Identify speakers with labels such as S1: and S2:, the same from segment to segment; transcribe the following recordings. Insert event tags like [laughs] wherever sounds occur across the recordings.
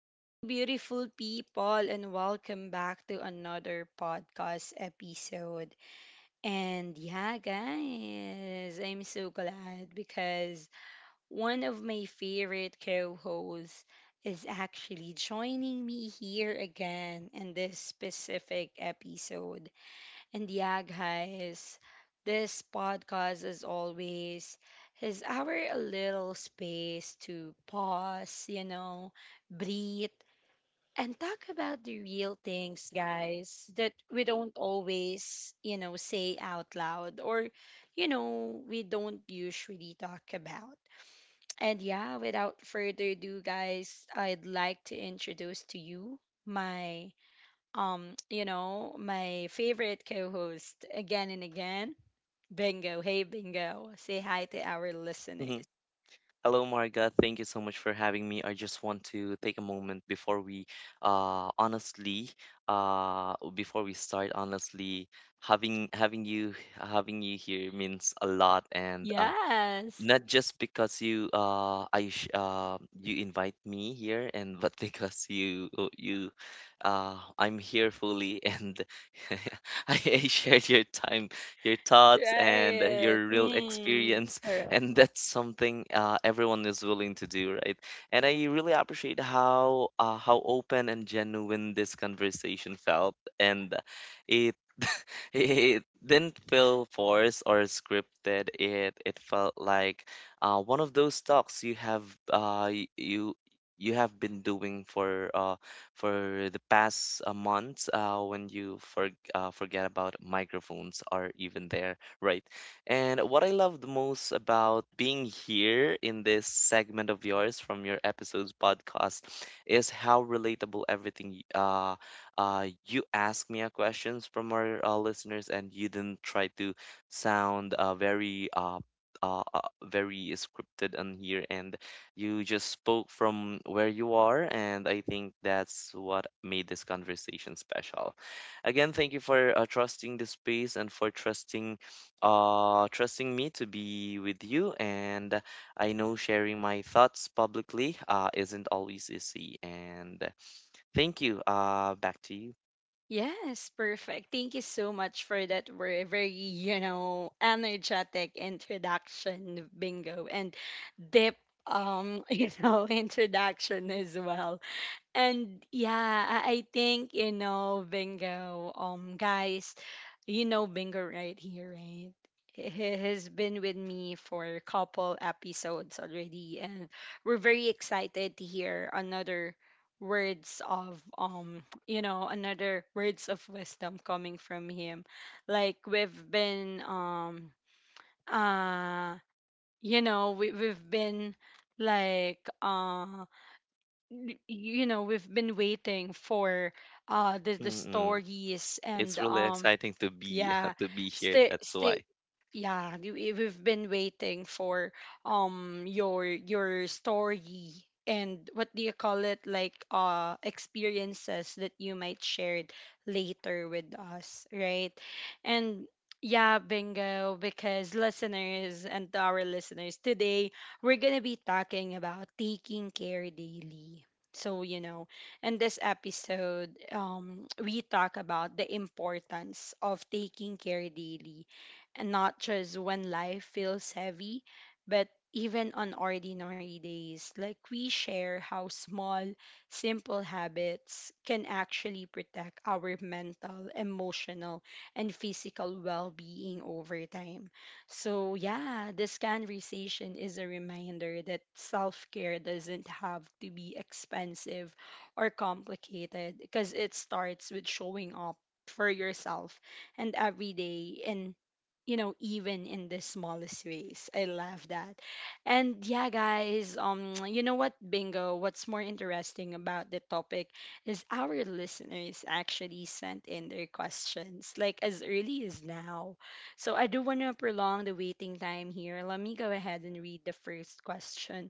S1: Hello, beautiful people, and welcome back to another podcast episode. And yeah, guys, I'm so glad because one of my favorite co hosts is actually joining me here again in this specific episode. And yeah, guys, this podcast, as always, is our little space to pause, you know, breathe, and talk about the real things, guys, that we don't always, you know, say out loud or, you know, we don't usually talk about. And yeah, without further ado, guys, I'd like to introduce to you my my favorite co-host again and again, Bingo. Hey, Bingo, say hi to our
S2: Hmm.
S1: listeners.
S2: Hello, Marga. Thank you so much for having me. I just want to take a moment honestly, before we start, honestly, having you here means a lot, and
S1: Yes.
S2: not just because you I sh you invite me here, and but [laughs] because you oh, you I'm here fully, and [laughs] I shared your time, your thoughts, and
S1: Right.
S2: your real
S1: Mm,
S2: experience,
S1: correct.
S2: and that's something everyone is willing to do, right? And I really appreciate how open and genuine this conversation felt, and it [laughs] [laughs] it didn't feel forced or scripted. It felt like one of those talks you have uh, y- you you have been doing for the past months, when you forget about microphones are even there, right? And what I love the most about being here in this segment of yours from your episodes podcast is how relatable everything you asked me a questions from our listeners, and you didn't try to sound very scripted on here, and you just spoke from where you are, and I think that's what made this conversation special. Again, thank you for trusting the space and for trusting me to be with you. And I know sharing my thoughts publicly isn't always easy, and thank you. Back to you.
S1: Yes, perfect. Thank you so much for that very, very, you know, energetic introduction, Bingo, and deep, [laughs] you know, introduction as well. And yeah, I think you know Bingo. Guys, you know Bingo right here, right? He has been with me for a couple episodes already, and we're very excited to hear another words of [tsk] you know, another words of wisdom coming from him. Like we've been uh, you know, we we've been like y- you know we've been waiting for the
S2: Mm.
S1: stories
S2: It's
S1: and
S2: really
S1: um
S2: exciting to be
S1: yeah,
S2: [laughs] to be here.
S1: stay
S2: That's
S1: stay
S2: why.
S1: yeah, we've been waiting for your story and what do you call it, like experiences that you might share later with us, right? And yeah, Bingo, because listeners and to our listeners today, we're going to be talking about taking care daily. So, you know, in this episode, we talk about the importance of taking care daily and not just when life feels heavy, but even on ordinary days. Like we share how small, simple habits can actually protect our mental, emotional, and physical well being over time. So, yeah, this conversation is a reminder that self care doesn't have to be expensive or complicated because it starts with showing up for yourself and every day in, you know, even in the smallest ways. I love that. And yeah, guys, [tsk] you know what, Bingo, what's more interesting about the topic is our listeners actually sent in their questions, like as early as now. So I do want to prolong the waiting time here. Let me go ahead and read the first question.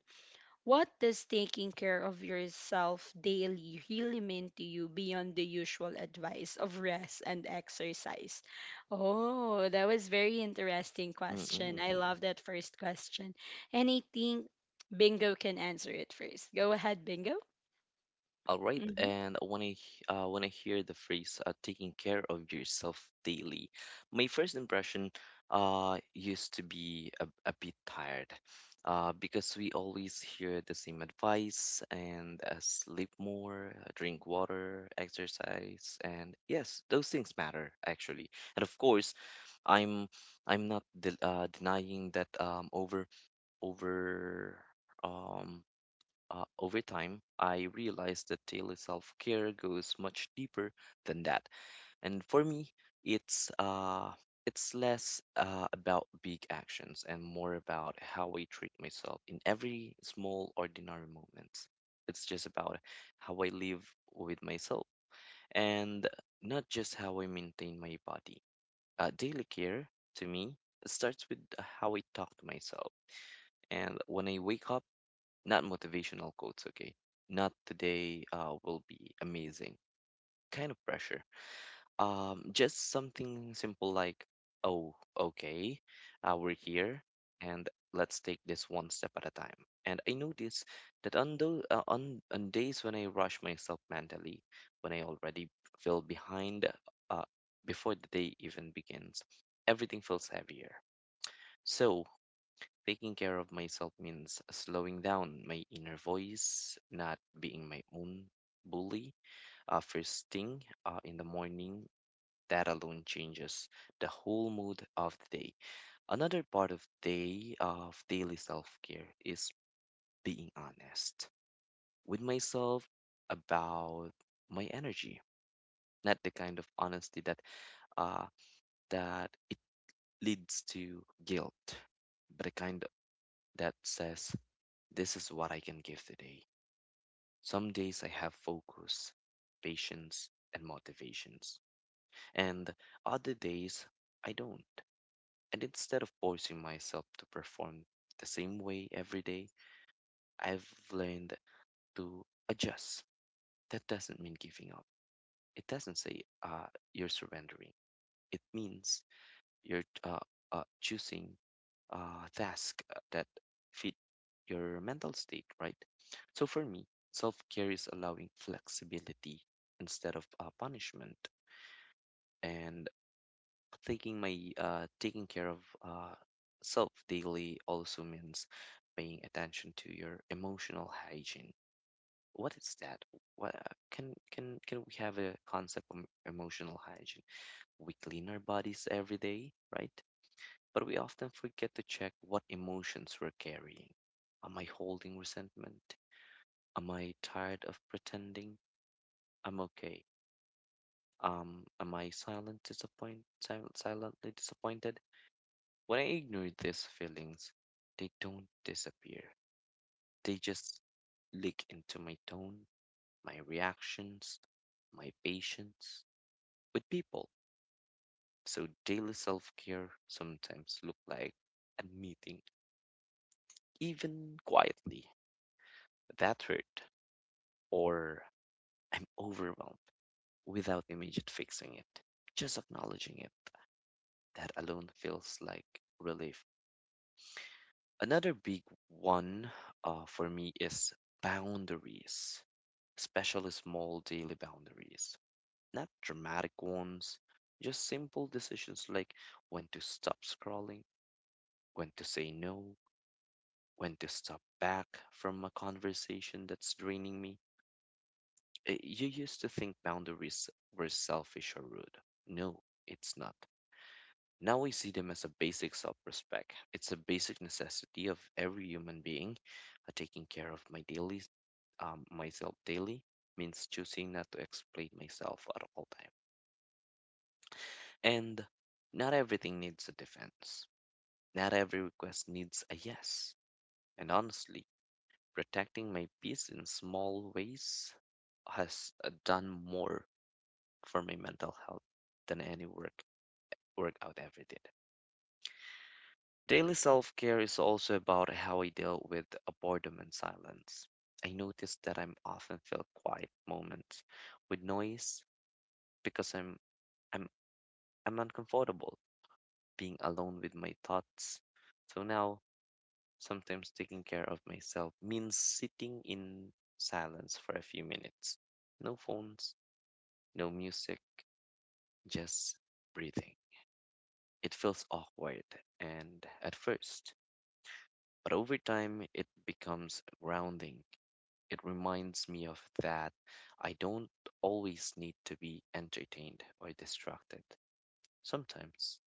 S1: What does taking care of yourself daily really mean to you beyond the usual advice of rest and exercise? Oh, that was very interesting question.
S2: Mm-mm.
S1: I love that first question. And I think Bingo can answer it first. Go ahead, Bingo.
S2: All right.
S1: Hmm.
S2: And when I hear the phrase "taking care of yourself daily," my first impression used to be a bit tired, because we always hear the same advice, and sleep more, drink water, exercise, and yes, those things matter actually. And of course, I'm I'm not de denying that. Over um Over time I realized that daily self-care goes much deeper than that, and for me it's uh it's less about big actions and more about how I treat myself in every small ordinary moment. It's just about how I live with myself, and not just how I maintain my body. Daily care, to me, starts with how I talk to myself, and when I wake up, not motivational quotes, okay? Not today will be amazing kind of pressure. Just something simple like, oh, okay, we're here, and let's take this one step at a time. And I notice that on days when I rush myself mentally, when I already feel behind uh, before the day even begins, everything feels heavier. So, taking care of myself means slowing down my inner voice, not being my own bully. First thing in the morning, that alone changes the whole mood of the day. Another part of daily self care is being honest with myself about my energy. Not the kind of honesty that uh, that it leads to guilt, but the kind that says, "This is what I can give today." Some days I have focus, patience, and motivations, and other days I don't. And instead of forcing myself to perform the same way every day, I've learned to adjust. That doesn't mean giving up. It doesn't say you're surrendering. It means You're choosing tasks that fit your mental state, right? So for me, self care is allowing flexibility instead of punishment, and taking care of uh, self daily also means paying attention to your emotional hygiene. What is that? What, can we have a concept of emotional hygiene? We clean our bodies every day, right? But we often forget to check what emotions we're carrying. Am I holding resentment? Am I tired of pretending I'm okay? Am I silently disappointed? When I ignore these feelings, they don't disappear. They just leak into my tone, my reactions, my patience with people. So daily self-care sometimes look like admitting, even quietly, that hurt, or I'm overwhelmed without immediate fixing it. Just acknowledging it, that alone feels like relief. Another big one, for me, is boundaries, especially small daily boundaries. Not dramatic ones, just simple decisions like when to stop scrolling, when to say no, when to step back from a conversation that's draining me. You used to think boundaries were selfish or rude. No, it's not. Now I see them as a basic self respect. It's a basic necessity of every human being. Taking care of myself daily means choosing not to exploit myself at all time. And not everything needs a defense. Not every request needs a yes. And honestly, protecting my peace in small ways has done more for my mental health than any workout ever did. Daily self care is also about how I deal with boredom and silence. I notice that I'm often feel quiet moments with noise because I'm I'm uncomfortable being alone with my thoughts. So now, sometimes taking care of myself means sitting in silence for a few minutes. No phones, no music, just breathing. It feels awkward and at first, but over time it becomes grounding. It reminds me of that I don't always need to be entertained or distracted. Sometimes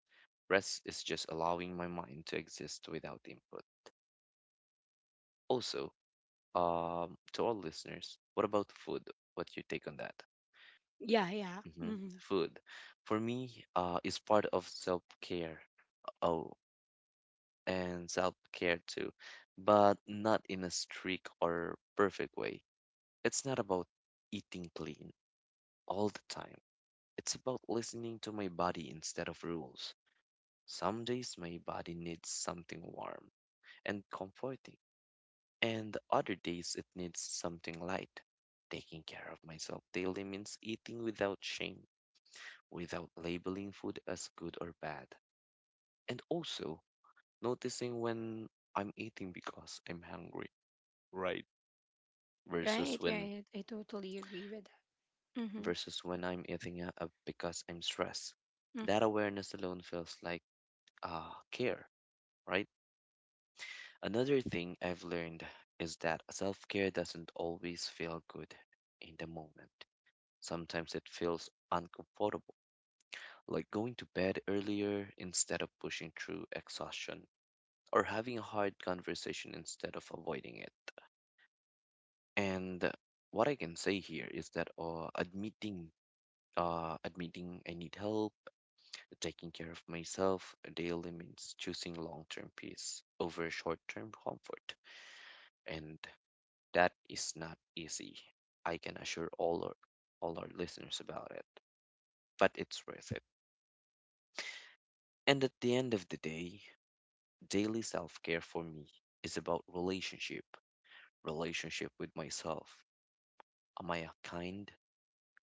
S2: rest is just allowing my mind to exist without input. Also, to all listeners, what about food? What's your take on that?
S1: Yeah, yeah.
S2: Hmm.
S1: Hmm.
S2: Food, for me, is part of self care. Oh, and self-care too, but not in a strict or perfect way. It's not about eating clean all the time. It's about listening to my body instead of rules. Some days my body needs something warm and comforting, and other days it needs something light. Taking care of myself daily means eating without shame, without labeling food as good or bad, and also noticing when I'm eating because I'm hungry, right? versus
S1: Right,
S2: when
S1: right. I totally agree with that. Hmm.
S2: versus when I'm eating because I'm stressed. That awareness alone feels like care, right? Another thing I've learned is that self-care doesn't always feel good in the moment. Sometimes it feels uncomfortable, like going to bed earlier instead of pushing through exhaustion, or having a hard conversation instead of avoiding it. And what I can say here is that, admitting I need help. Taking care of myself daily means choosing long term peace over short term comfort, and that is not easy. I can assure all our listeners about it, but it's worth it. And at the end of the day, daily self care for me is about relationship with myself. Am I kind?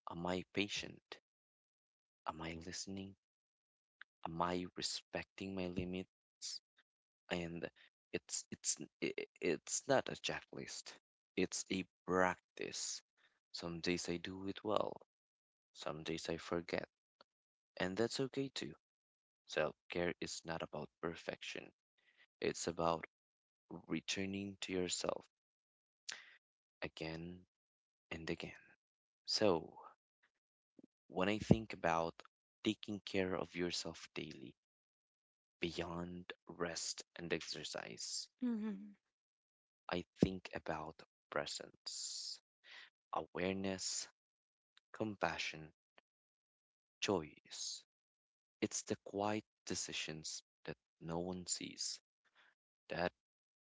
S2: Am I patient? Am I listening? Am I respecting my limits? And it's n- I- it's not a checklist. It's a practice. Some days I do it well, some days I forget, and that's okay too. Self-care is not about perfection. It's about returning to yourself again and again. So when I think about taking care of yourself daily beyond rest and exercise,
S1: Hmm.
S2: I think about presence, awareness, compassion, choice. It's the quiet decisions that no one sees. That,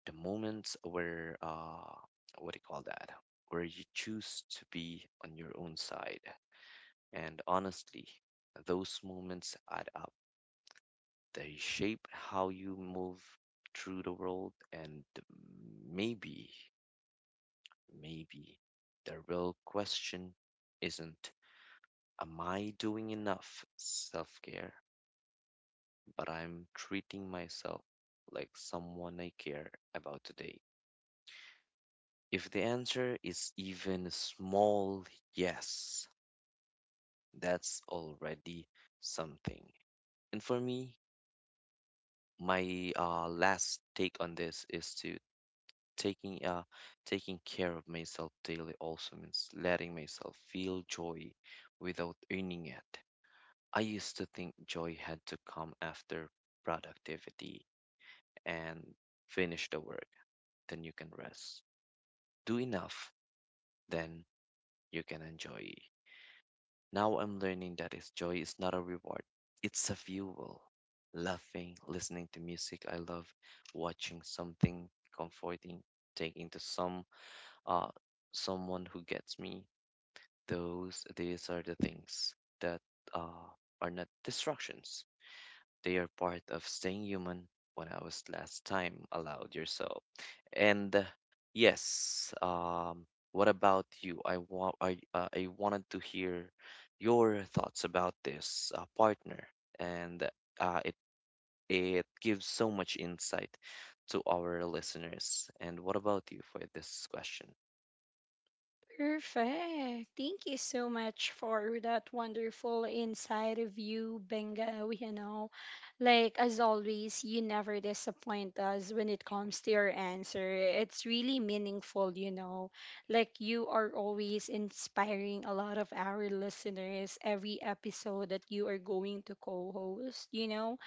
S2: the moments where, what do you call that? Where you choose to be on your own side. And honestly, those moments add up. They shape how you move through the world, and maybe maybe the real question isn't, am I doing enough self-care, but I'm treating myself like someone I care about today. If the answer is even a small yes, that's already something. And for me, my last take on this is to taking uh, taking care of myself daily also means letting myself feel joy without earning it. I used to think joy had to come after productivity, and finish the work, then you can rest. Do enough, then you can enjoy. Now I'm learning that its joy is not a reward, it's a fuel. Laughing, listening to music I love, watching something comforting, taking to uh someone who gets me. Those These are the things that uh are not distractions. They are part of staying human when I was last time allowed yourself. And yes, what about you? I want I wanted to hear your thoughts about this, partner, and uh, it it gives so much insight to our listeners. And what about you for this question?
S1: Perfect. Thank you so much for that wonderful inside of you, Benga. You know, like as always, you never disappoint us when it comes to your answer. It's really meaningful, you know. Like you are always inspiring a lot of our listeners every episode that you are going to co-host, you know.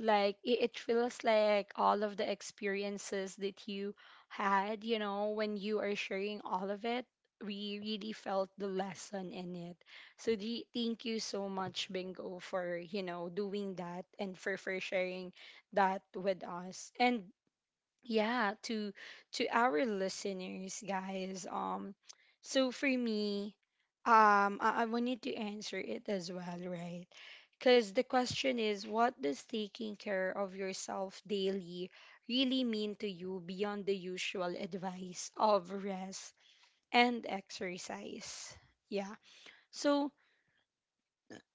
S1: Like it feels like all of the experiences that you had, you know, when you are sharing all of it, we really felt the lesson in it. So the, thank you so much, Bingo, for, you know, doing that and for sharing that with us. And yeah, to our listeners, guys. So for me, I wanted to answer it as well, right? Because the question is, what does taking care of yourself daily really mean to you beyond the usual advice of rest? And exercise. Yeah. So,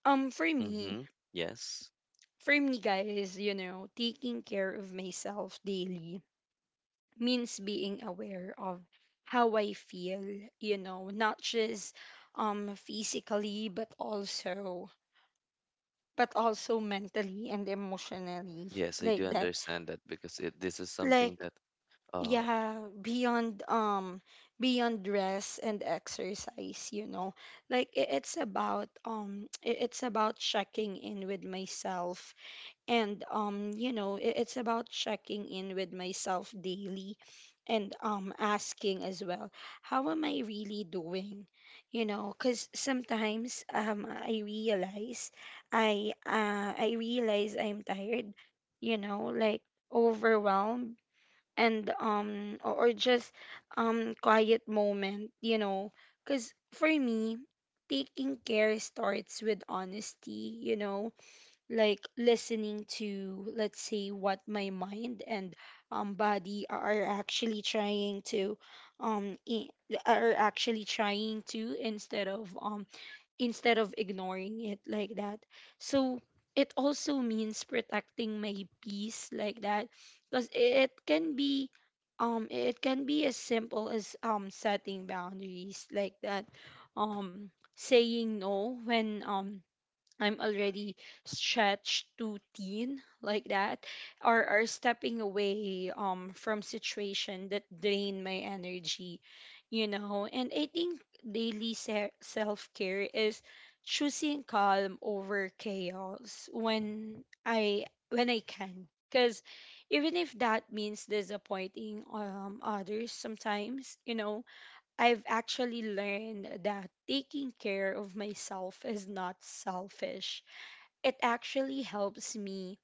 S1: for me,
S2: Mm-hmm. Yes.
S1: for me, guys, you know, taking care of myself daily means being aware of how I feel, you know, not just physically, but also mentally and emotionally
S2: Yes, I do
S1: like that.
S2: understand that, because this is
S1: Like
S2: something that, uh
S1: yeah, beyond beyond rest and exercise, you know, like it's about it's about checking in with myself, and you know, it's about checking in with myself daily, and asking as well, how am I really doing, you know, cuz sometimes I realize I realize I'm tired, you know, like overwhelmed, and or just quiet moment, you know, because for me, taking care starts with honesty, you know, like listening to, let's say, what my mind and body are actually trying to um i- are actually trying to, instead of ignoring it like that. So it also means protecting my peace like that, because it can be as simple as setting boundaries like that, um saying no when I'm already stretched too thin like that, or stepping away from situation that drain my energy, you know. And I think daily self-care is choosing calm over chaos when I can, cuz even if that means disappointing others sometimes, you know, I've actually learned that taking care of myself is not selfish. It actually helps me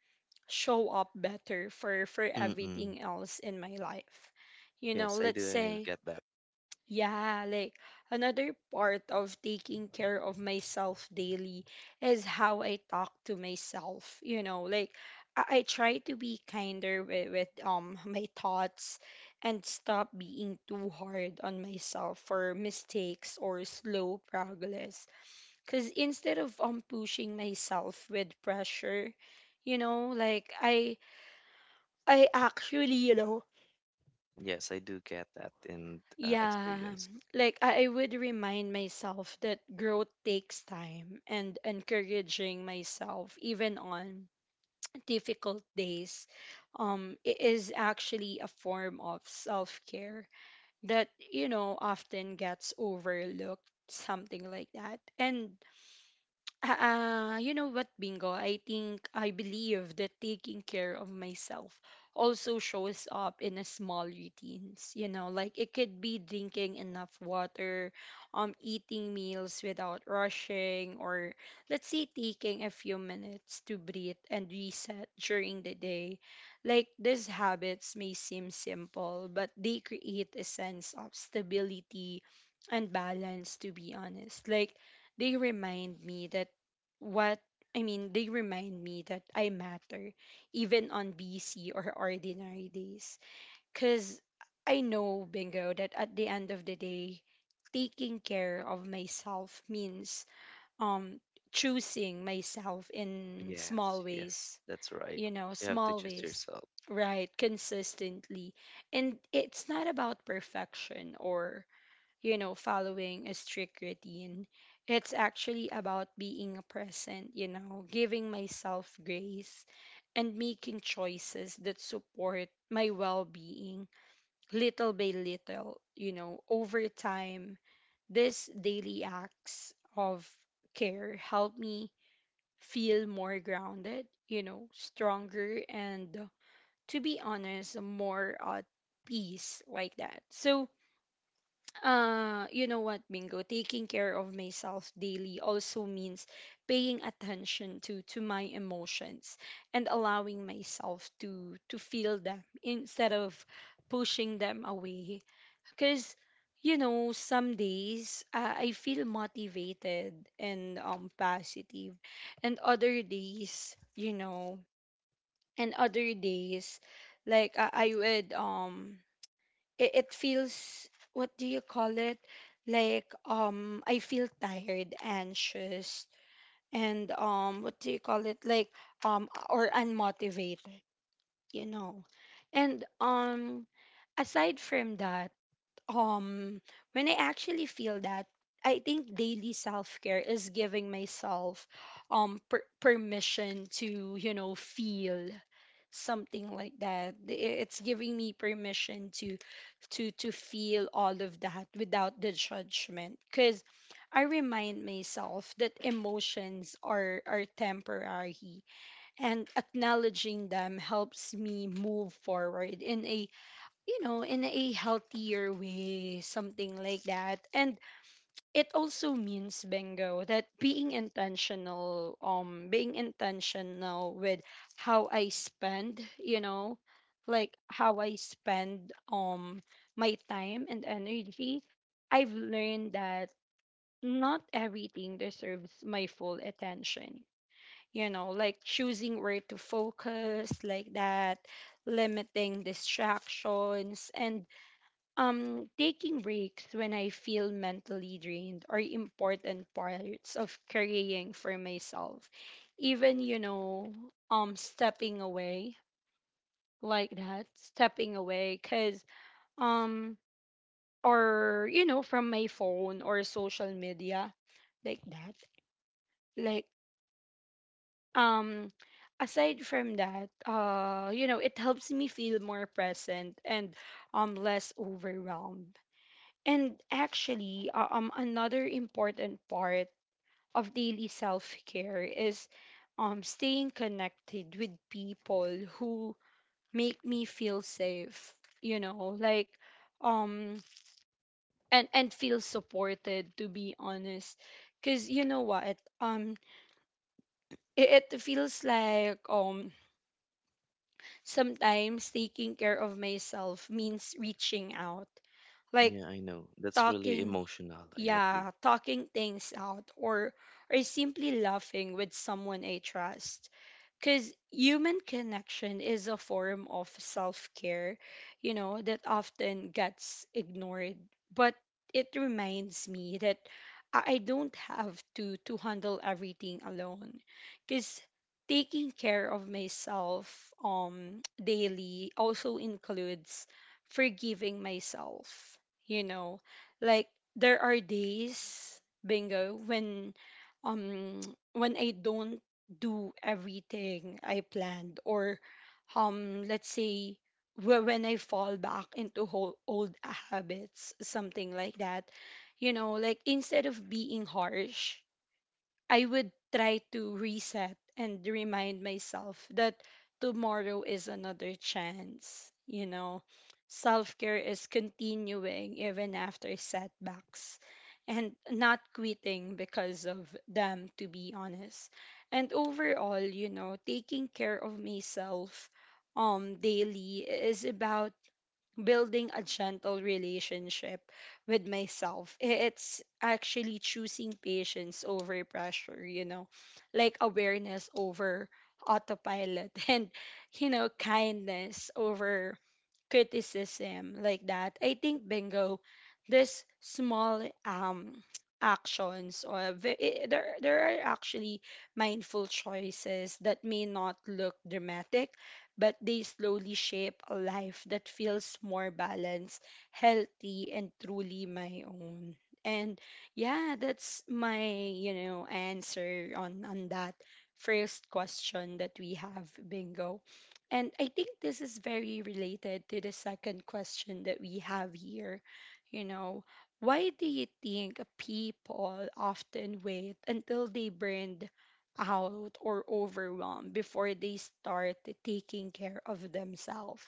S1: show up better for
S2: mm-mm.
S1: everything else in my life. You know,
S2: Yes, I
S1: let's
S2: do
S1: say,
S2: get that.
S1: yeah, like another part of taking care of myself daily is how I talk to myself. You know, like I try to be kinder with my thoughts and stop being too hard on myself for mistakes or slow progress. Cause instead of pushing myself with pressure, you know, like I actually, you know,
S2: Yes, I do get that in,
S1: yeah,
S2: experience.
S1: like I would remind myself that growth takes time, and encouraging myself even on difficult days is actually a form of self-care that, you know, often gets overlooked, something like that. And you know what, Bingo? I think I believe that taking care of myself also shows up in a small routines. You know, like it could be drinking enough water, eating meals without rushing, or let's say taking a few minutes to breathe and reset during the day. Like these habits may seem simple, but they create a sense of stability and balance, to be honest. Like they remind me that what, I mean, they remind me that I matter even on busy or ordinary days. Cause I know, Bingo, that at the end of the day, taking care of myself means um choosing myself in small
S2: Yes,
S1: ways,
S2: yes, that's right.
S1: you know,
S2: You have to
S1: small
S2: choose
S1: ways.
S2: yourself.
S1: Right, consistently. And it's not about perfection or, you know, following a strict routine. It's actually about being present, you know, giving myself grace and making choices that support my well being little by little, you know, over time. These daily acts of care help me feel more grounded, you know, stronger, and to be honest, more at peace like that. So, you know what, Bingo? Taking care of myself daily also means paying attention to my emotions and allowing myself to feel them instead of pushing them away. Because, you know, some days I feel motivated and positive, and other days, you know, and other days, like I would it, it feels, what do you call it, like I feel tired, anxious, and what do you call it, like or unmotivated, you know. And aside from that, um when I actually feel that, I think daily self-care is giving myself permission to, you know, feel something like that. It's giving me permission to to feel all of that without the judgment, because I remind myself that emotions are temporary, and acknowledging them helps me move forward in a, you know, in a healthier way, something like that. And it also means, Bingo, that being intentional, being intentional with how I spend, you know, like how I spend my time and energy. I've learned that not everything deserves my full attention, you know, like choosing where to focus like that, limiting distractions, and taking breaks when I feel mentally drained, are important parts of caring for myself. Even, you know, stepping away like that, stepping away, cause um, or you know, from my phone or social media like that, like um. Aside from that, you know, it helps me feel more present and less overwhelmed. And actually, another important part of daily self care is staying connected with people who make me feel safe, you know, like, um, and feel supported, to be honest. Because you know what? It, it feels like sometimes taking care of myself means reaching out, like
S2: Yeah, I know. That's really
S1: talking,
S2: emotional. I agree.
S1: yeah, talking things out or simply laughing with someone I trust, because human connection is a form of self care, you know, that often gets ignored. But it reminds me that I don't have to handle everything alone because taking care of myself daily also includes forgiving myself, you know, like there are days bingo when um [tsk] when I don't do everything I planned or let's say when I fall back into old habits, something like that, you know, like instead of being harsh, I would try to reset and remind myself that tomorrow is another chance. Self care is continuing even after setbacks and not quitting because of them, to be honest. And overall, you know, taking care of myself daily is about building a gentle relationship with myself. It's actually choosing patience over pressure, you know, like awareness over autopilot [laughs] and, you know, kindness over criticism, like that. I think bingo, this small [tsk] actions or there are actually mindful choices that may not look dramatic, but they slowly shape a life that feels more balanced, healthy, and truly my own. And yeah, that's my, you know, answer on that first question that we have, bingo. And I think this is very related to the second question that we have here. You know, why do you think people often wait until they burned out or overwhelmed before they start taking care of themselves?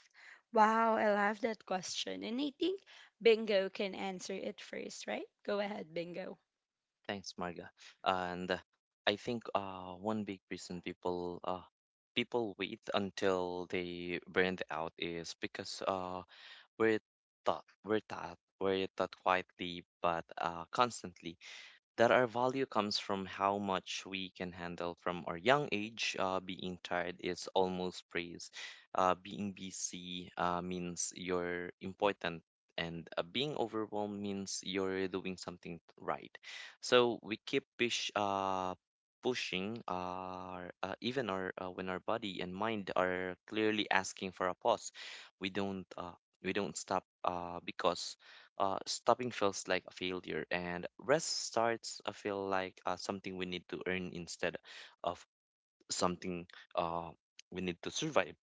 S1: Wow, I love that question. And I think Bingo can answer it first, right? Go ahead, Bingo.
S2: Thanks, Marga. And I think one big reason people wait until they burned out is because we're we're taught quietly but constantly that our value comes from how much we can handle from our young age. Being tired is almost praise. Being busy means you're important, and being overwhelmed means you're doing something right. So we keep pushing, our, even our when our body and mind are clearly asking for a pause. We don't. Uh, we don't stop because stopping feels like a failure, and rest starts to feel like something we need to earn instead of something uh, we need to survive,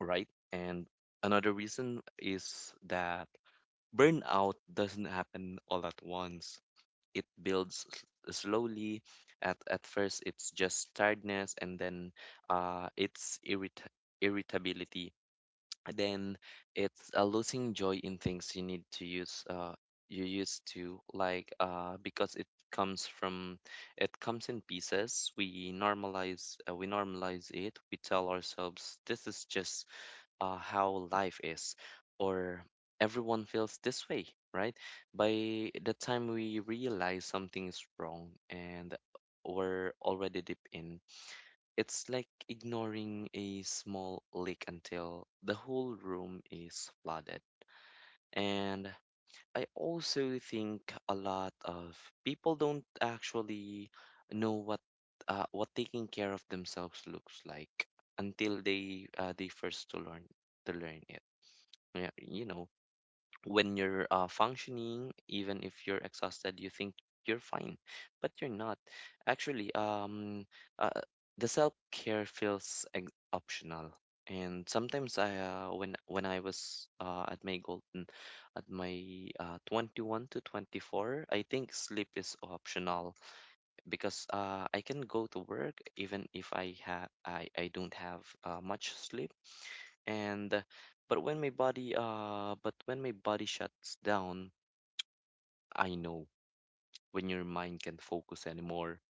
S2: right? And another reason is that burnout doesn't happen all at once. It builds slowly. At first, it's just tiredness, and then it's irritability. Then it's losing joy in things you used to like, because comes from it comes in pieces. We normalize it. We tell ourselves this is just how life is, or everyone feels this way, right? By the time we realize something is wrong and we're already deep in, it's like ignoring a small leak until the whole room is flooded. And I also think a lot of people don't actually know what taking care of themselves looks like until they first to learn it. Yeah, when you're functioning, even if you're exhausted, you think you're fine, but you're not. Actually, uh, the self care feels optional. And sometimes I, when I was at my 21 to 24, I think sleep is optional because I can go to work even if I don't have much sleep. And uh, but when my body uh but when my body shuts down, I know. When your mind can't focus anymore,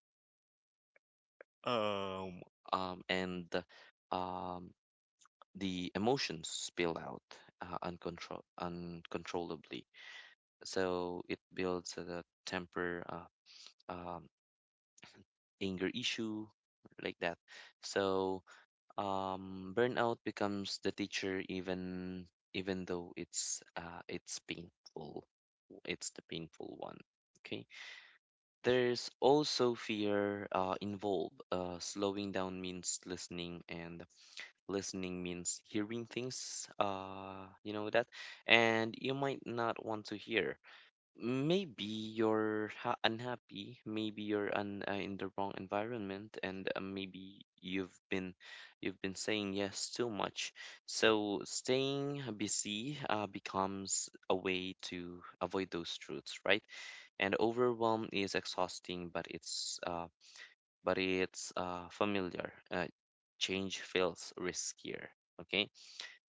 S2: um and uh, um the emotions spill out uncontrollably. So it builds a temper, um anger issue, like that. So burnout becomes the teacher. Even though it's painful, it's the painful one. Okay. There's also fear involved. Slowing down means listening, and listening means hearing things. You know that, and you might not want to hear. Maybe you're ha unhappy, maybe you're un in the wrong environment, and maybe you've been saying yes too much. So staying busy becomes a way to avoid those truths, right? And overwhelm is exhausting, but it's familiar. Change feels riskier. Okay.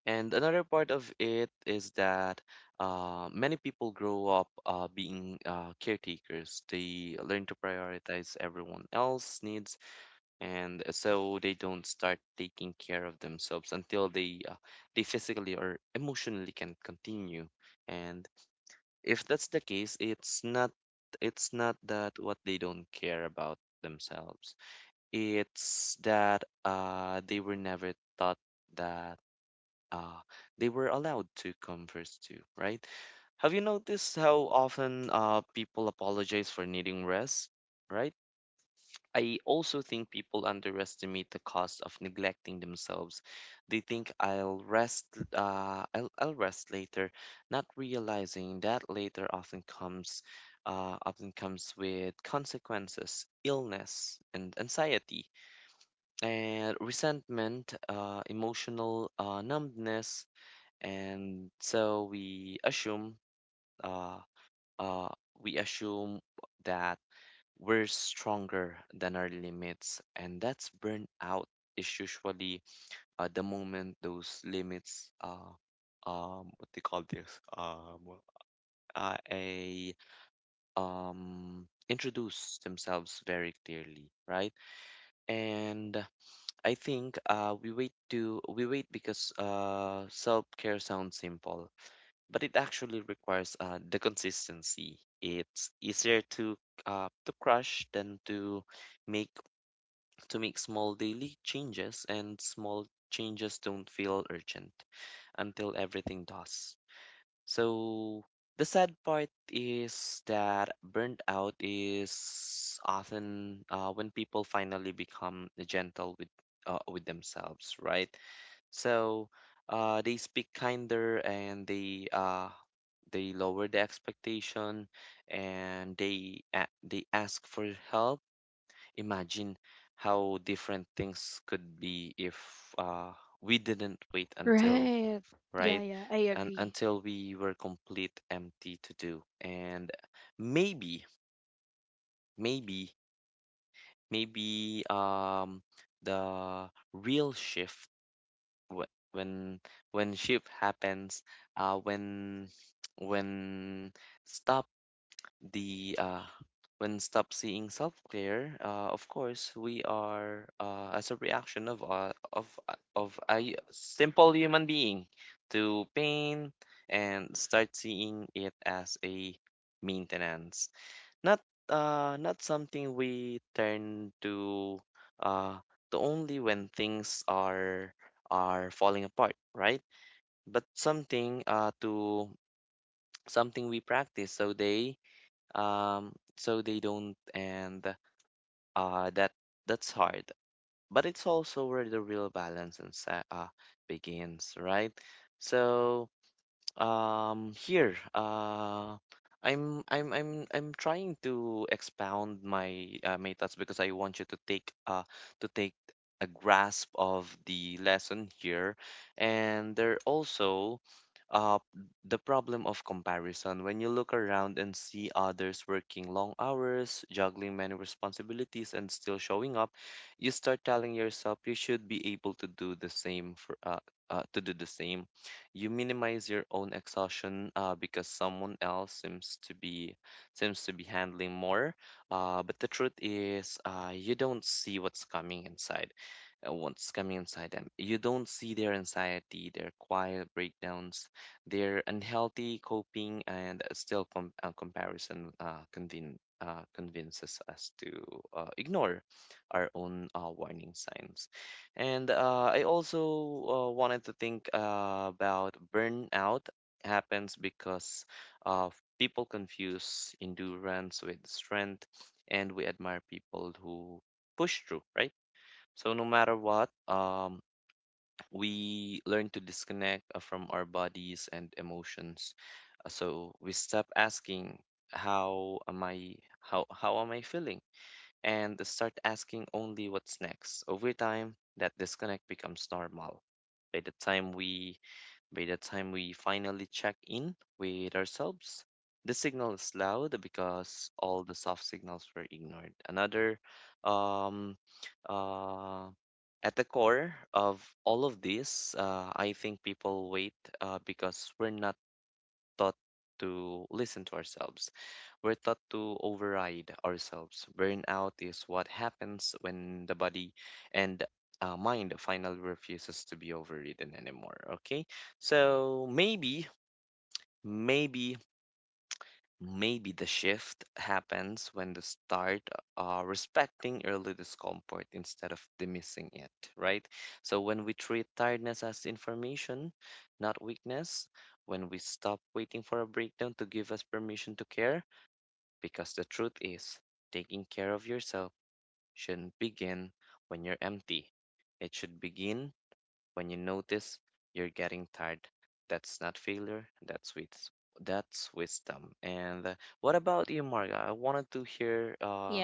S2: And another part of it is that many people grow up being caretakers. They learn to prioritize everyone else's needs, and so they don't start taking care of themselves until they physically or emotionally can continue. And if that's the case, it's not that what they don't care about themselves. It's that they were never taught that uh, they were allowed to converse to, right? Have you noticed how often people apologize for needing rest, right? I also think people underestimate the cost of neglecting themselves. They think, I'll rest later, not realizing that later often comes with consequences: illness, and anxiety, and resentment, emotional numbness. And so uh, uh, we assume that we're stronger than our limits, and that's burnout. Is usually the moment those limits, what they call this, well, a introduce themselves very clearly, right? And I think we wait because self-care sounds simple, but it actually requires the consistency. It's easier to crush than make to make small daily changes, and small changes don't feel urgent until everything does. So the sad part is that burnt out is often when people finally become gentle with, with themselves, right? So they speak kinder, and they lower the expectation, and they ask for help. Imagine how different things could be if, uh, we didn't wait until,
S1: Right. Yeah,
S2: right?
S1: yeah, I
S2: And
S1: agree.
S2: until we were complete empty to do. And maybe maybe maybe, the real shift, wh- when when shift happens, uh when when stop the uh when stop seeing self-care, of course we are, as a reaction of, of a simple human being, to pain, and start seeing it as a maintenance, not not something we turn to uh only when things are falling apart, right? But something we practice, so they don't. And uh that that's hard. But it's also where the real balance and begins, right? So here, I'm trying to expound my thoughts because I want you to take, to take a grasp of the lesson here, and there also, uh the problem of comparison. When you look around and see others working long hours, juggling many responsibilities, and still showing up, you start telling yourself you should be able to do the same. You minimize your own exhaustion because someone else seems to be handling more, but the truth is, you don't see what's coming inside them. You don't see their anxiety, their quiet breakdowns, their unhealthy coping, and still comparison convinces us to ignore our own warning signs. And I also wanted to think about burnout happens because uh, people confuse endurance with strength, and we admire people who push through, right? So no matter what, we learn to disconnect from our bodies and emotions. So we stop asking, "How am I? How am I feeling?" and start asking only what's next. Over time, that disconnect becomes normal. By the time we by the time we finally check in with ourselves, the signal is loud because all the soft signals were ignored. Another um uh at the core of all of this, I think people wait because we're not taught to listen to ourselves. We're taught to override ourselves. Burnout is what happens when the body and mind finally refuses to be overridden anymore. Okay, so maybe Maybe the shift happens when the start respecting early discomfort instead of dismissing it, right? So when we treat tiredness as information, not weakness, when we stop waiting for a breakdown to give us permission to care, because the truth is, taking care of yourself shouldn't begin when you're empty. It should begin when you notice you're getting tired. That's not failure, that's wisdom. And what about you, Marga? I wanted to hear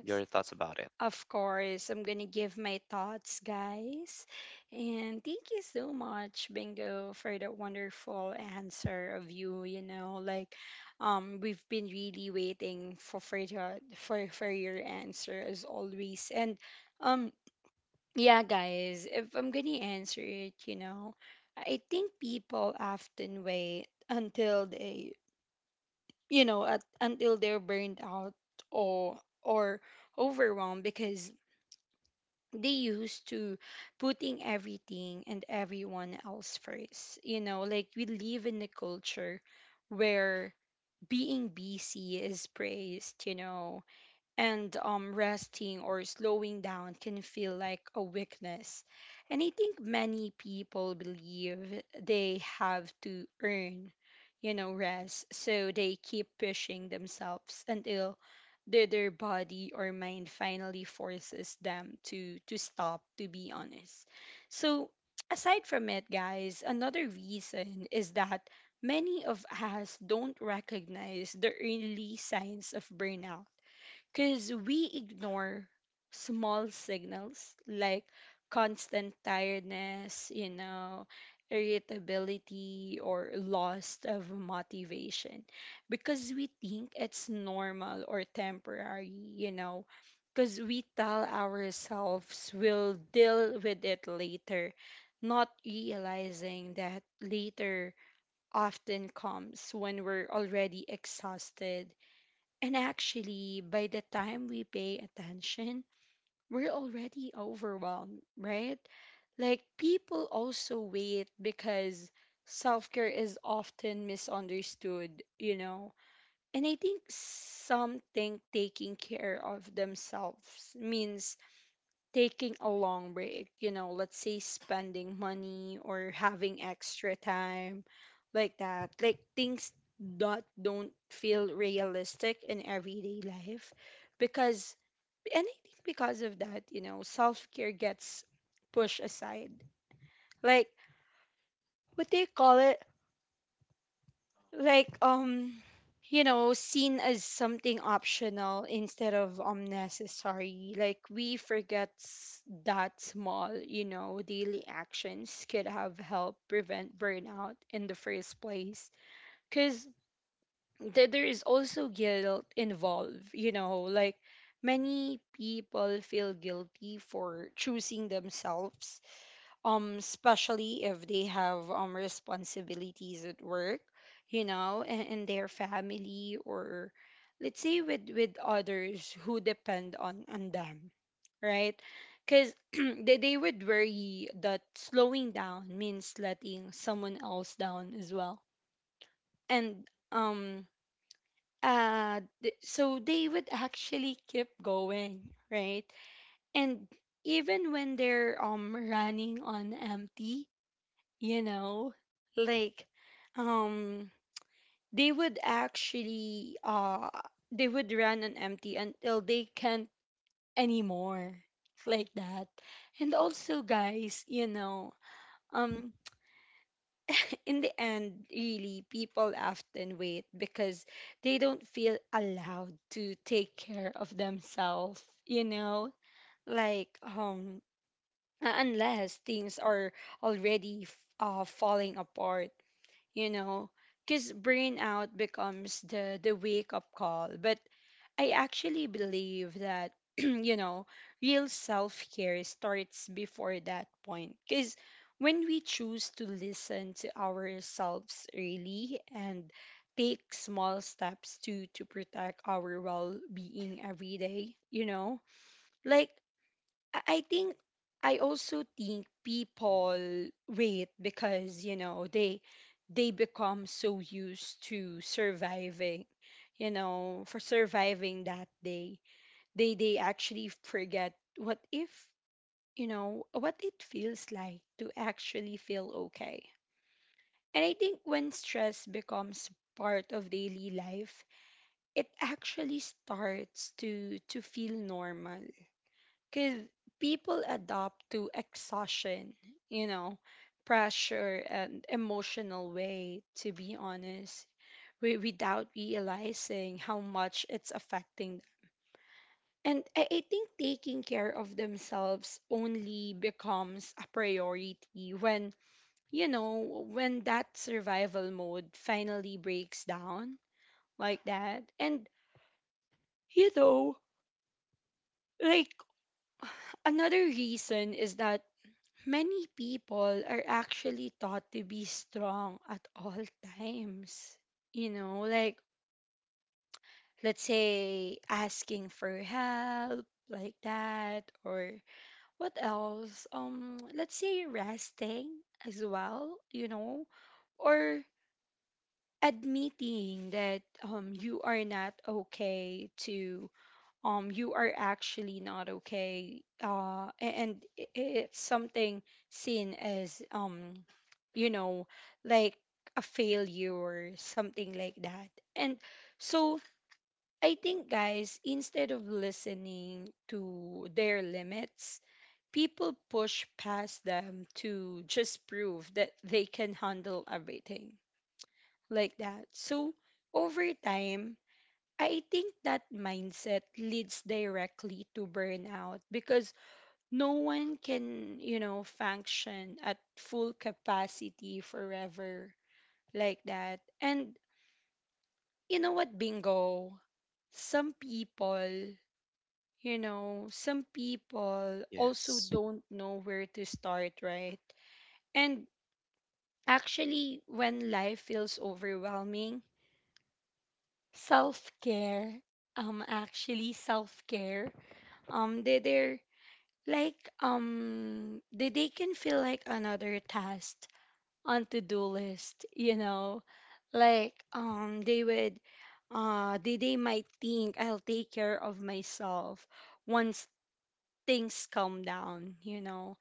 S2: your thoughts about it.
S1: Of course, I'm going to give my thoughts, guys. And thank you so much, Bingo, for that wonderful answer of you, you know, like we've been really waiting for your answer as always. And um yeah, guys, if I'm going to answer it, you know, I think people often wait until they, you know, at, until they're burned out or overwhelmed because they used to putting everything and everyone else first. You know, like we live in a culture where being busy is praised, you know, and resting or slowing down can feel like a weakness. And I think many people believe they have to earn, you know, rest. So they keep pushing themselves until their body or mind finally forces them to stop, to be honest. So [tsk] aside from it, guys, another reason is that many of us don't recognize the early signs of burnout because we ignore small signals like constant tiredness, you know, irritability, or loss of motivation because we think it's normal or temporary, you know, because we tell ourselves we'll deal with it later. Not realizing that later often comes when we're already exhausted. And actually, by the time we pay attention, we're already overwhelmed, right? Like, people also wait because self care is often misunderstood, you know? And I think some think taking care of themselves means taking a long break, you know, let's say spending money or having extra time like that. Like things that don't feel realistic in everyday life, because, and I think because of that, you know, self-care gets pushed aside. Like, what do you call it? Like you know, seen as something optional instead of necessary, like we forget that small, you know, daily actions could have helped prevent burnout in the first place. Because there is also guilt involved, you know. Like many people feel guilty for choosing themselves, especially if they have responsibilities at work, you know, and their family, or let's say with others who depend on them, right? Because [clears throat] they would worry that slowing down means letting someone else down as well. And so they would actually keep going, right? And even when they're running on empty, you know, like, um they would actually they would run on empty until they can't anymore, like that. And also, guys, you know, um in the end, really, people often wait because they don't feel allowed to take care of themselves, you know, like unless things are already falling apart, you know, because burnout becomes the wake up call. But I actually believe that [clears throat] you know, real self care starts before that point, because when we choose to listen to ourselves early and take small steps to protect our well being every day, you know, like I think. I also think people wait because, you know, they become so used to surviving, you know, for surviving that day. They actually forget what if, you know, what it feels like to actually feel okay. And I think when stress becomes part of daily life, it actually starts to feel normal because people adopt to exhaustion, you know, pressure and emotional way, to be honest, without realizing how much it's affecting them. And I think taking care of themselves only becomes a priority when, you know, when that survival mode finally breaks down, like that. And, you know, like [sighs] another reason is that many people are actually taught to be strong at all [laughs] times. You know, like, let's say asking for help, like that, or what else? Let's say resting as well, you know, or admitting that you are not okay to you are actually not okay, it's something seen as you know, like a failure or something like that. And so I think, guys, instead of listening to their limits, people push past them to just prove that they can handle everything, like that. So over time, I think that mindset leads directly to burnout because no one can, you know, function at full capacity forever, like that. And you know what, bingo? Some people, you know, some people also
S2: Yes.
S1: don't know where to start, right? And actually, when life feels overwhelming, self care, actually, self care, um, they, they're they can feel like another task on to-do list, you know, like they might think I'll take care of myself once things calm down, you know,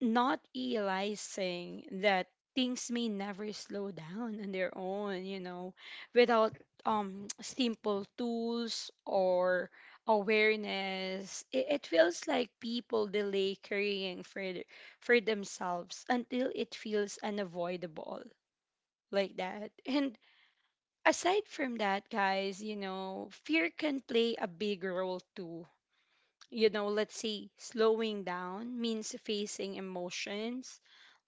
S1: not realizing that things may never slow down on their own, you know, without [tsk] simple tools or awareness. It feels like people delay caring for for themselves until it feels unavoidable, like that. And aside from that, guys, you know, fear can play a big role too. You know, let's say slowing down means facing emotions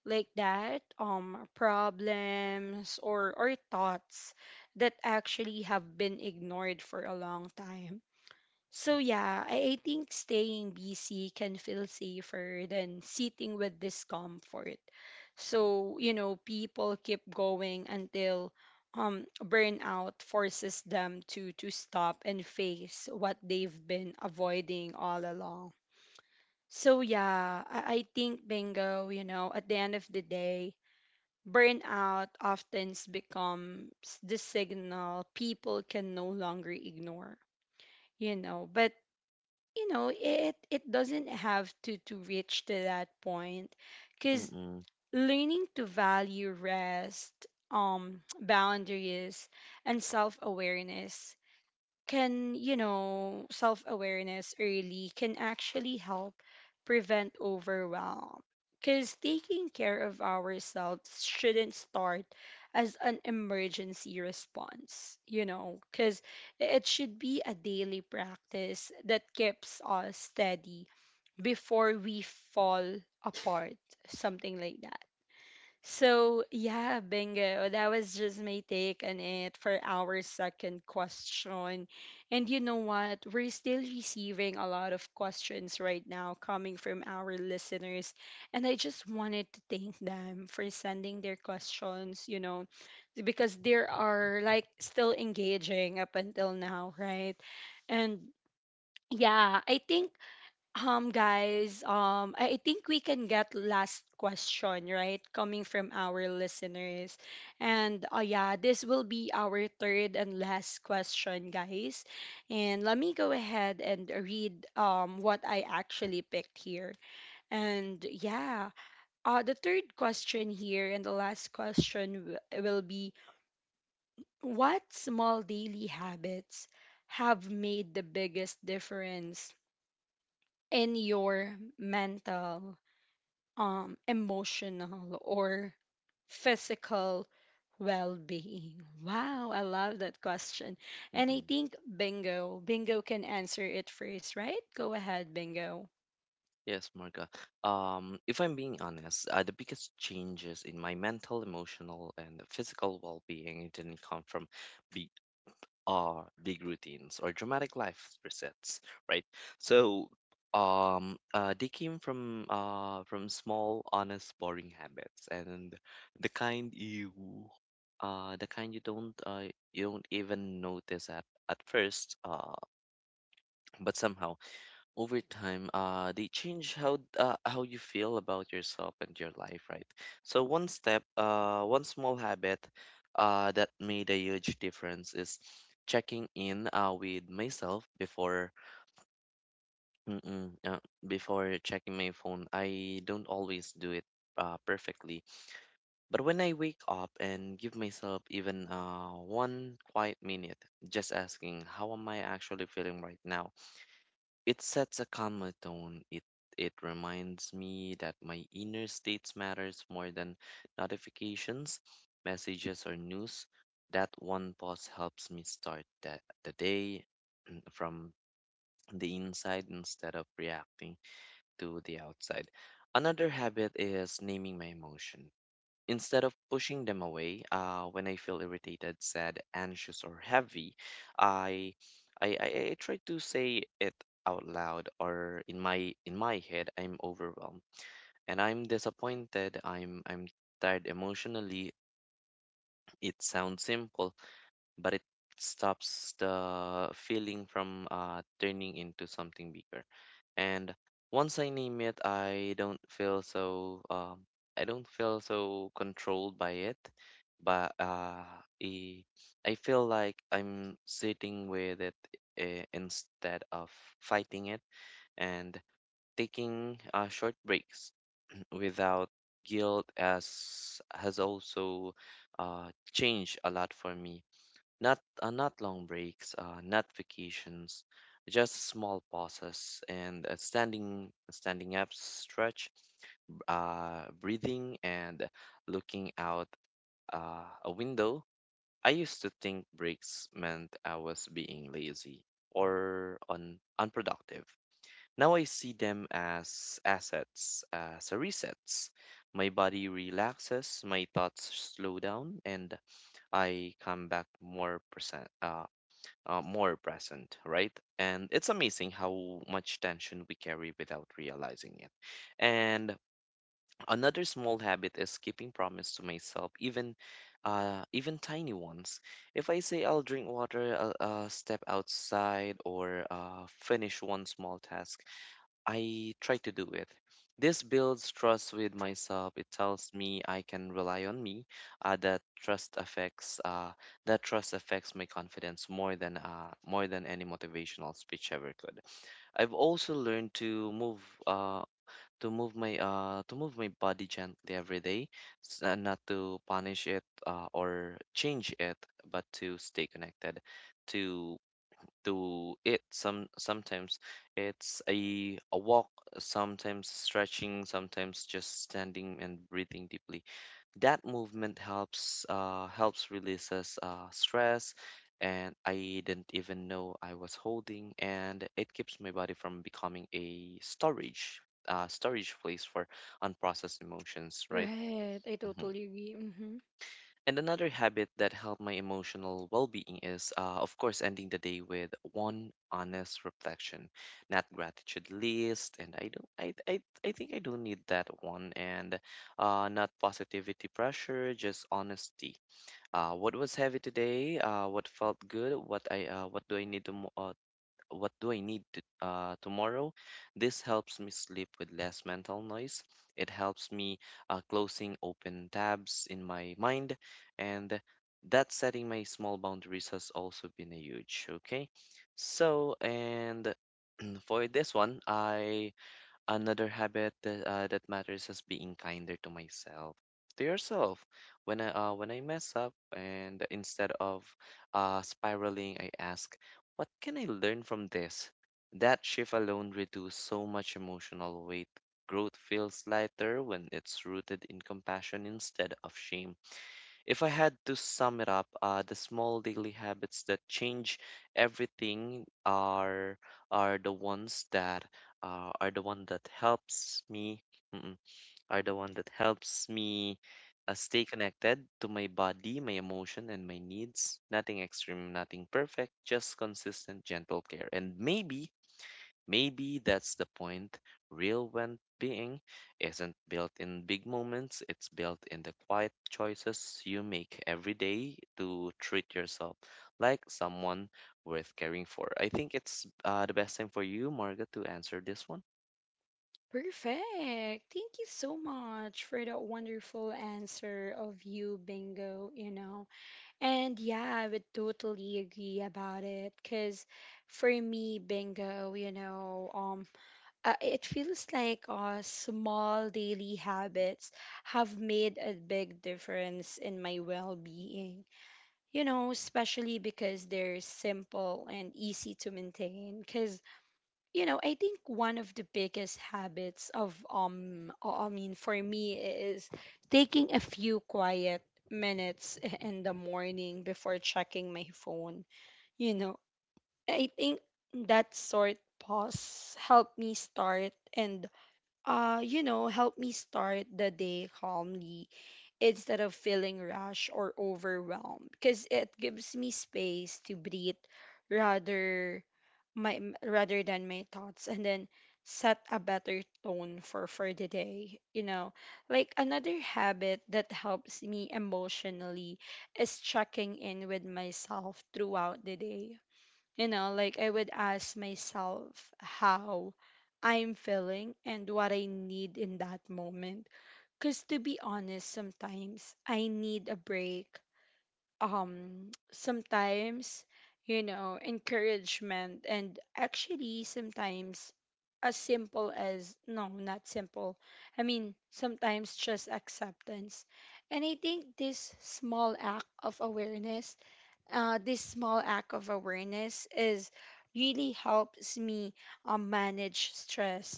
S1: like that, problems or thoughts that actually have been ignored for a long time. So yeah, I think staying busy can feel safer than sitting with discomfort. So, you know, people keep going until burnout forces them to stop and face what they've been avoiding all along. So yeah, I think, bingo, you know, at the end of the day, burnout often becomes the signal people can no longer ignore, you know. But you know, it doesn't have to reach to that point, because
S2: Mm-mm,
S1: learning to value rest, boundaries, and self awareness can, you know, self awareness early can actually help prevent overwhelm. Because taking care of ourselves shouldn't start as an emergency response, you know, because it should be a daily practice that keeps us steady before we fall apart, something like that. So, yeah, bingo. That was just my take on it for our second question. And you know what? We're still receiving a lot of questions right now coming from our listeners. And I just wanted to thank them for sending their questions, you know, because they are like still engaging up until now, right? And yeah, I think guys, I think we can get last question, right? Coming from our listeners. And yeah, this will be our third and last question, guys. And let me go ahead and read what I actually picked here. And yeah, the third question here and the last question will be, what small daily habits have made the biggest difference in your mental, emotional, or physical well being? Wow, I love that question. And I
S2: mm-mm.
S1: think Bingo, Bingo can answer it first, right? Go ahead, Bingo.
S2: Yes, Marga. If I'm being honest, the biggest changes in my mental, emotional, and physical well-being didn't come from are big routines or dramatic life resets, right? So they came from small, honest, boring habits, and the kind you the kind you don't, even notice at first, but somehow over time, they change how you feel about yourself and your life, right? So one small habit that made a huge difference is checking in with myself mm-mm, uh, before checking my phone. I don't always do it perfectly, but when I wake up and give myself even one quiet minute, just asking, "How am I actually feeling right now?" it sets a calmer tone. It reminds me that my inner states matters more than notifications, messages, or news. That one pause helps me start the day [clears throat] from the inside, instead of reacting to the outside. Another habit is naming my emotion. Instead of pushing them away, when I feel irritated, sad, anxious, or heavy, I, I, I, I try to say it out loud, or in my head, "I'm overwhelmed, and I'm disappointed. I'm tired emotionally." It sounds simple, but it stops the feeling from, turning into something bigger. And once I name it, I don't feel so controlled by it, but I, I feel like I'm sitting with it, instead of fighting it. And taking short breaks [clears throat] without guilt as has also changed a lot for me. Not long breaks, not vacations, just small pauses and a standing up stretch, breathing and looking out a window. I used to think breaks meant I was being lazy or un unproductive. Now I see them as assets, as resets. My body relaxes, my thoughts slow down, and I come back more pr- uh, more present, right? And it's amazing how much tension we carry without realizing it. And another small habit is keeping promise to myself, even tiny ones. If I say I'll drink water, I'll step outside, or finish one small task, I try to do it. This builds trust with myself. It tells me I can rely on me. Uh, that trust affects uh, that trust affects my confidence more than any motivational speech ever could. I've also learned uh, to move my body gently every day, not to punish it or change it, but to stay connected to to it. Sometimes it's a walk, sometimes stretching, sometimes just standing and breathing deeply. That movement helps releases stress and I didn't even know I was holding, and it keeps my body from becoming a storage place for unprocessed emotions, right?
S1: Right, I
S2: Mm-hmm.
S1: totally agree. Hmm.
S2: And another habit that helped my emotional well being is, of course, ending the day with one honest reflection, not gratitude list. And I think I don't need that one. And not positivity pressure, just honesty. What was heavy today? What felt good? What I, what do I need to, mo- What do I need to tomorrow? This helps me sleep with less mental noise. It helps me closing open tabs in my mind, and that setting my small boundaries has also been a huge. Okay, so and [clears throat] for this one, I. Another habit that matters is being kinder to myself, to yourself. When I mess up, and instead of spiraling, I ask, "What can I learn from this?" That shift alone reduces so much emotional weight. Growth feels lighter when it's rooted in compassion instead of shame. If I had to sum it up, the small daily habits that change everything are the ones that are the one that helps me, mm-mm, are the one that helps me stay connected to my body, my emotion, and my needs. Nothing extreme, nothing perfect, just consistent, gentle care. And maybe that's the point. Real well being isn't built in big moments, it's built in the quiet choices you make every day to treat yourself like someone worth caring for. I think it's the best time for you, Margaret, to answer this one.
S1: Perfect. Thank you so much for that wonderful answer of you, Bingo, you know. And yeah, I would totally agree about it because for me, Bingo, you know, it feels like small daily habits have made a big difference in my well being. You know, especially because they're simple and easy to maintain. Because, you know, I think one of the biggest habits of, I mean, for me is taking a few quiet minutes [laughs] in the morning before checking my phone. You know, I think that sort pause helped me start and you know, help me start the day calmly instead of feeling rushed or overwhelmed because it gives me space to breathe rather rather than my thoughts, and then set a better tone for the day, you know. Like another habit that helps me emotionally is checking in with myself throughout the day. You know, like I would ask myself how I'm feeling and what I need in that moment. Because to be honest, sometimes I need a break. Sometimes, you know, encouragement. And actually, sometimes as simple as no, not simple. I mean, sometimes just acceptance. And I think this small act of awareness, this small act of awareness, is really helps me, manage stress,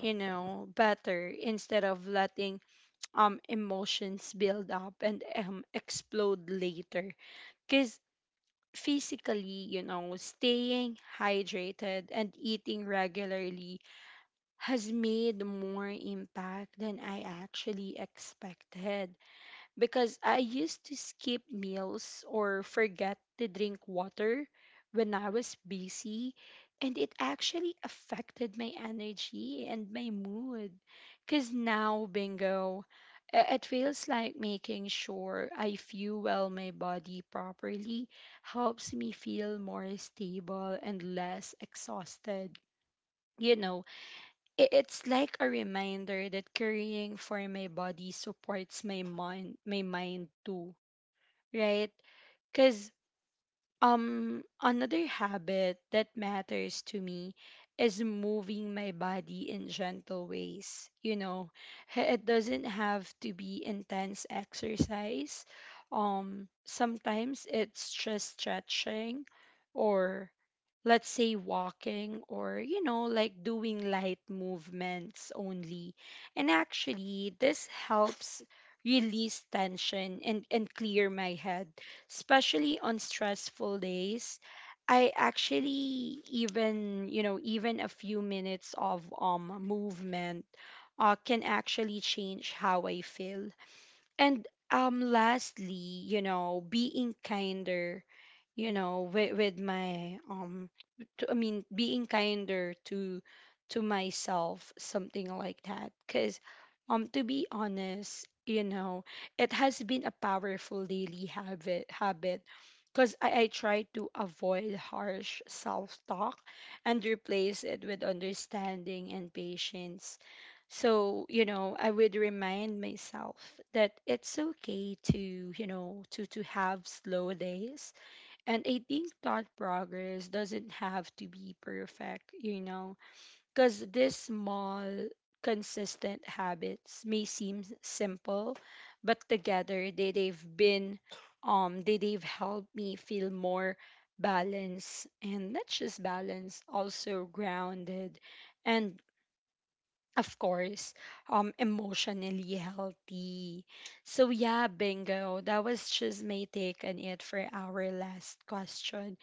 S1: you know, better, instead of letting emotions build up and explode later. Because physically, you know, staying hydrated and eating regularly has made more impact than I actually expected, because I used to skip meals or forget to drink water when I was busy, and it actually affected my energy and my mood. Because now, bingo, it feels like making sure I fuel my body properly helps me feel more stable and less exhausted, you know. I- it's like a reminder that caring for my body supports my mind too, right? Because another habit that matters to me is moving my body in gentle ways. You know, it doesn't have to be intense exercise. Sometimes it's just stretching, or let's say walking, or you know, like doing light movements only. And actually this helps release tension and clear my head, especially on stressful days. I actually even, you know, even a few minutes of movement can actually change how I feel. And lastly, you know, being kinder, you know with my to, I mean being kinder to myself, something like that. Because to be honest, you know, it has been a powerful daily habit. Because I try to avoid harsh self-talk and replace it with understanding and patience. So you know, I would remind myself that it's okay to, you know, to have slow days, and I think that progress doesn't have to be perfect, you know. Because these small, consistent habits may seem simple, but together they've been, they've helped me feel more balanced, and not just balanced, also grounded, and of course, emotionally healthy. So yeah, bingo. That was just my take on it for our last question.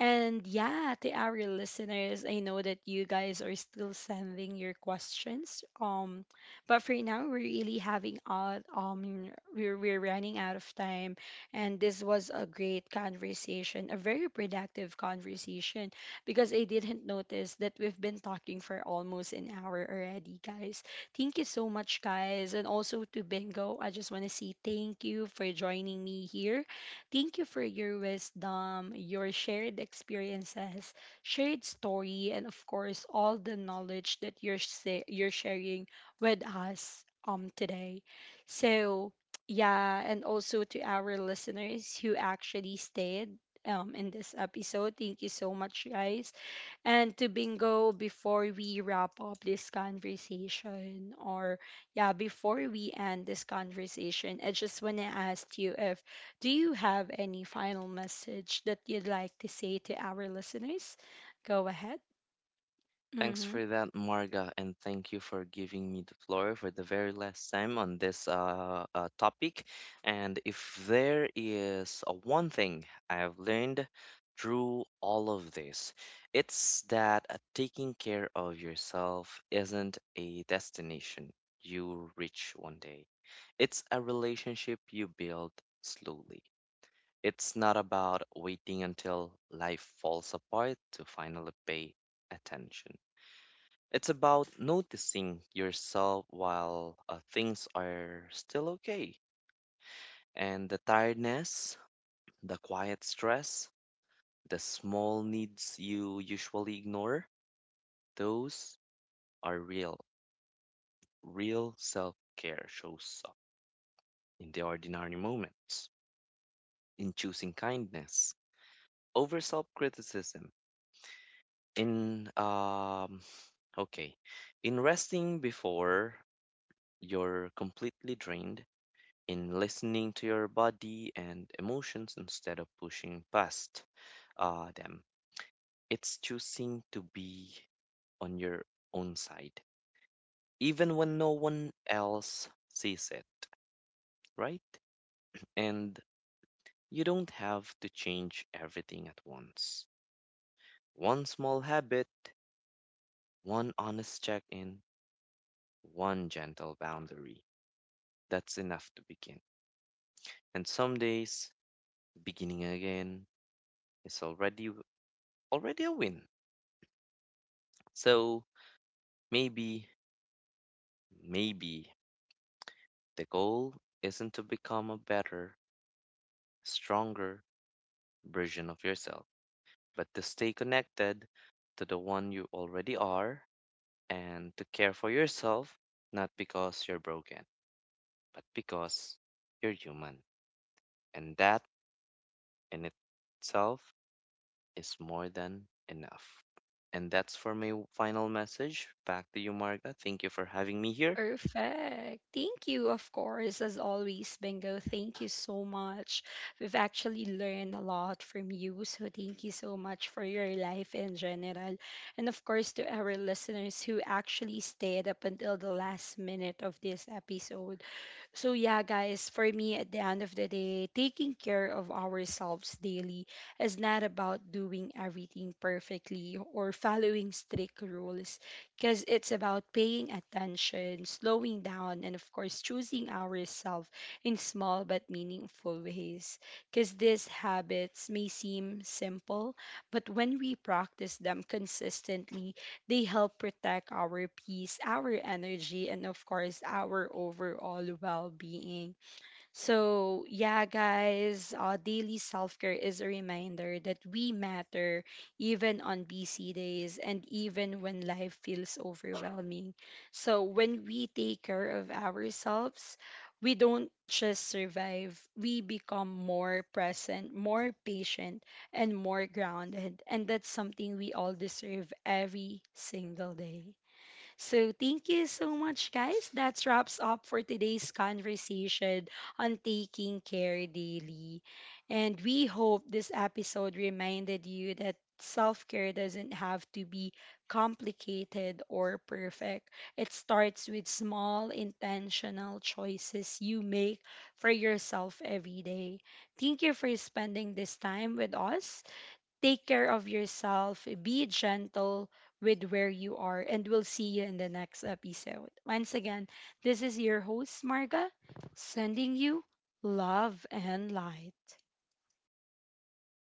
S1: And yeah, to our listeners, I know that you guys are still sending your questions. But for now, we're really having out. We're running out of time, and this was a great conversation, a very productive conversation, because I didn't notice that we've been talking for almost an hour already, guys. Thank you so much, guys, and also to Bingo. I just want to say thank you for joining me here. Thank you for your wisdom, your shared experiences, shared story, and of course, all the knowledge that you're sharing with us today. So, yeah, and also to our listeners who actually stayed in this episode, thank you so much, guys. And to bingo, before we wrap up this conversation, or yeah, before we end this conversation, I just want to ask you if, do you have any final message that you'd like to say to our listeners? Go ahead.
S2: Thanks
S1: Mm-hmm.
S2: for that, Marga, and thank you for giving me the floor for the very last time on this topic. And if there is one thing I have learned through all of this, it's that taking care of yourself isn't a destination you reach one day, it's a relationship you build slowly. It's not about waiting until life falls apart to finally pay attention. It's about noticing yourself while things are still okay. And the tiredness, the quiet stress, the small needs you usually ignore, those are real. Real self care shows up in the ordinary moments, in choosing kindness over self criticism, in, um, okay, in resting before you're completely drained, in listening to your body and emotions instead of pushing past them. It's choosing to be on your own side, even when no one else sees it, right? And you don't have to change everything at once. One small habit, one honest check in, one gentle boundary. That's enough to begin. And some days, beginning again is already a win. So maybe, maybe the goal isn't to become a better, stronger version of yourself, but to stay connected to the one you already are, and to care for yourself, not because you're broken, but because you're human. And that in itself is more than enough. And that's for my final message. Back to you, Marga. Thank you for having me here.
S1: Perfect. Thank you, of course, as always, Bingo. Thank you so much. We've actually learned a lot from you. So, thank you so much for your life in general. And, of course, to our listeners who actually stayed up until the last minute of this episode. So, yeah, guys, for me, at the end of the day, taking care of ourselves daily is not about doing everything perfectly or following strict rules, because it's about paying attention, slowing down, and of course, choosing ourselves in small but meaningful ways. Because these habits may seem simple, but when we practice them consistently, they help protect our peace, our energy, and of course, our overall well being. So, yeah, guys, daily self care is a reminder that we matter even on busy days and even when life feels overwhelming. So, when we take care of ourselves, we don't just survive, we become more present, more patient, and more grounded. And that's something we all deserve every single day. So thank you so much, guys. That wraps up for today's conversation on taking care daily. And we hope this episode reminded you that self care doesn't have to be complicated or perfect. It starts with small, intentional choices you make for yourself every day. Thank you for spending this time with us. Take care of yourself, be gentle with where you are, and we'll see you in the next episode. Once again, this is your host, Marga, sending you love and light.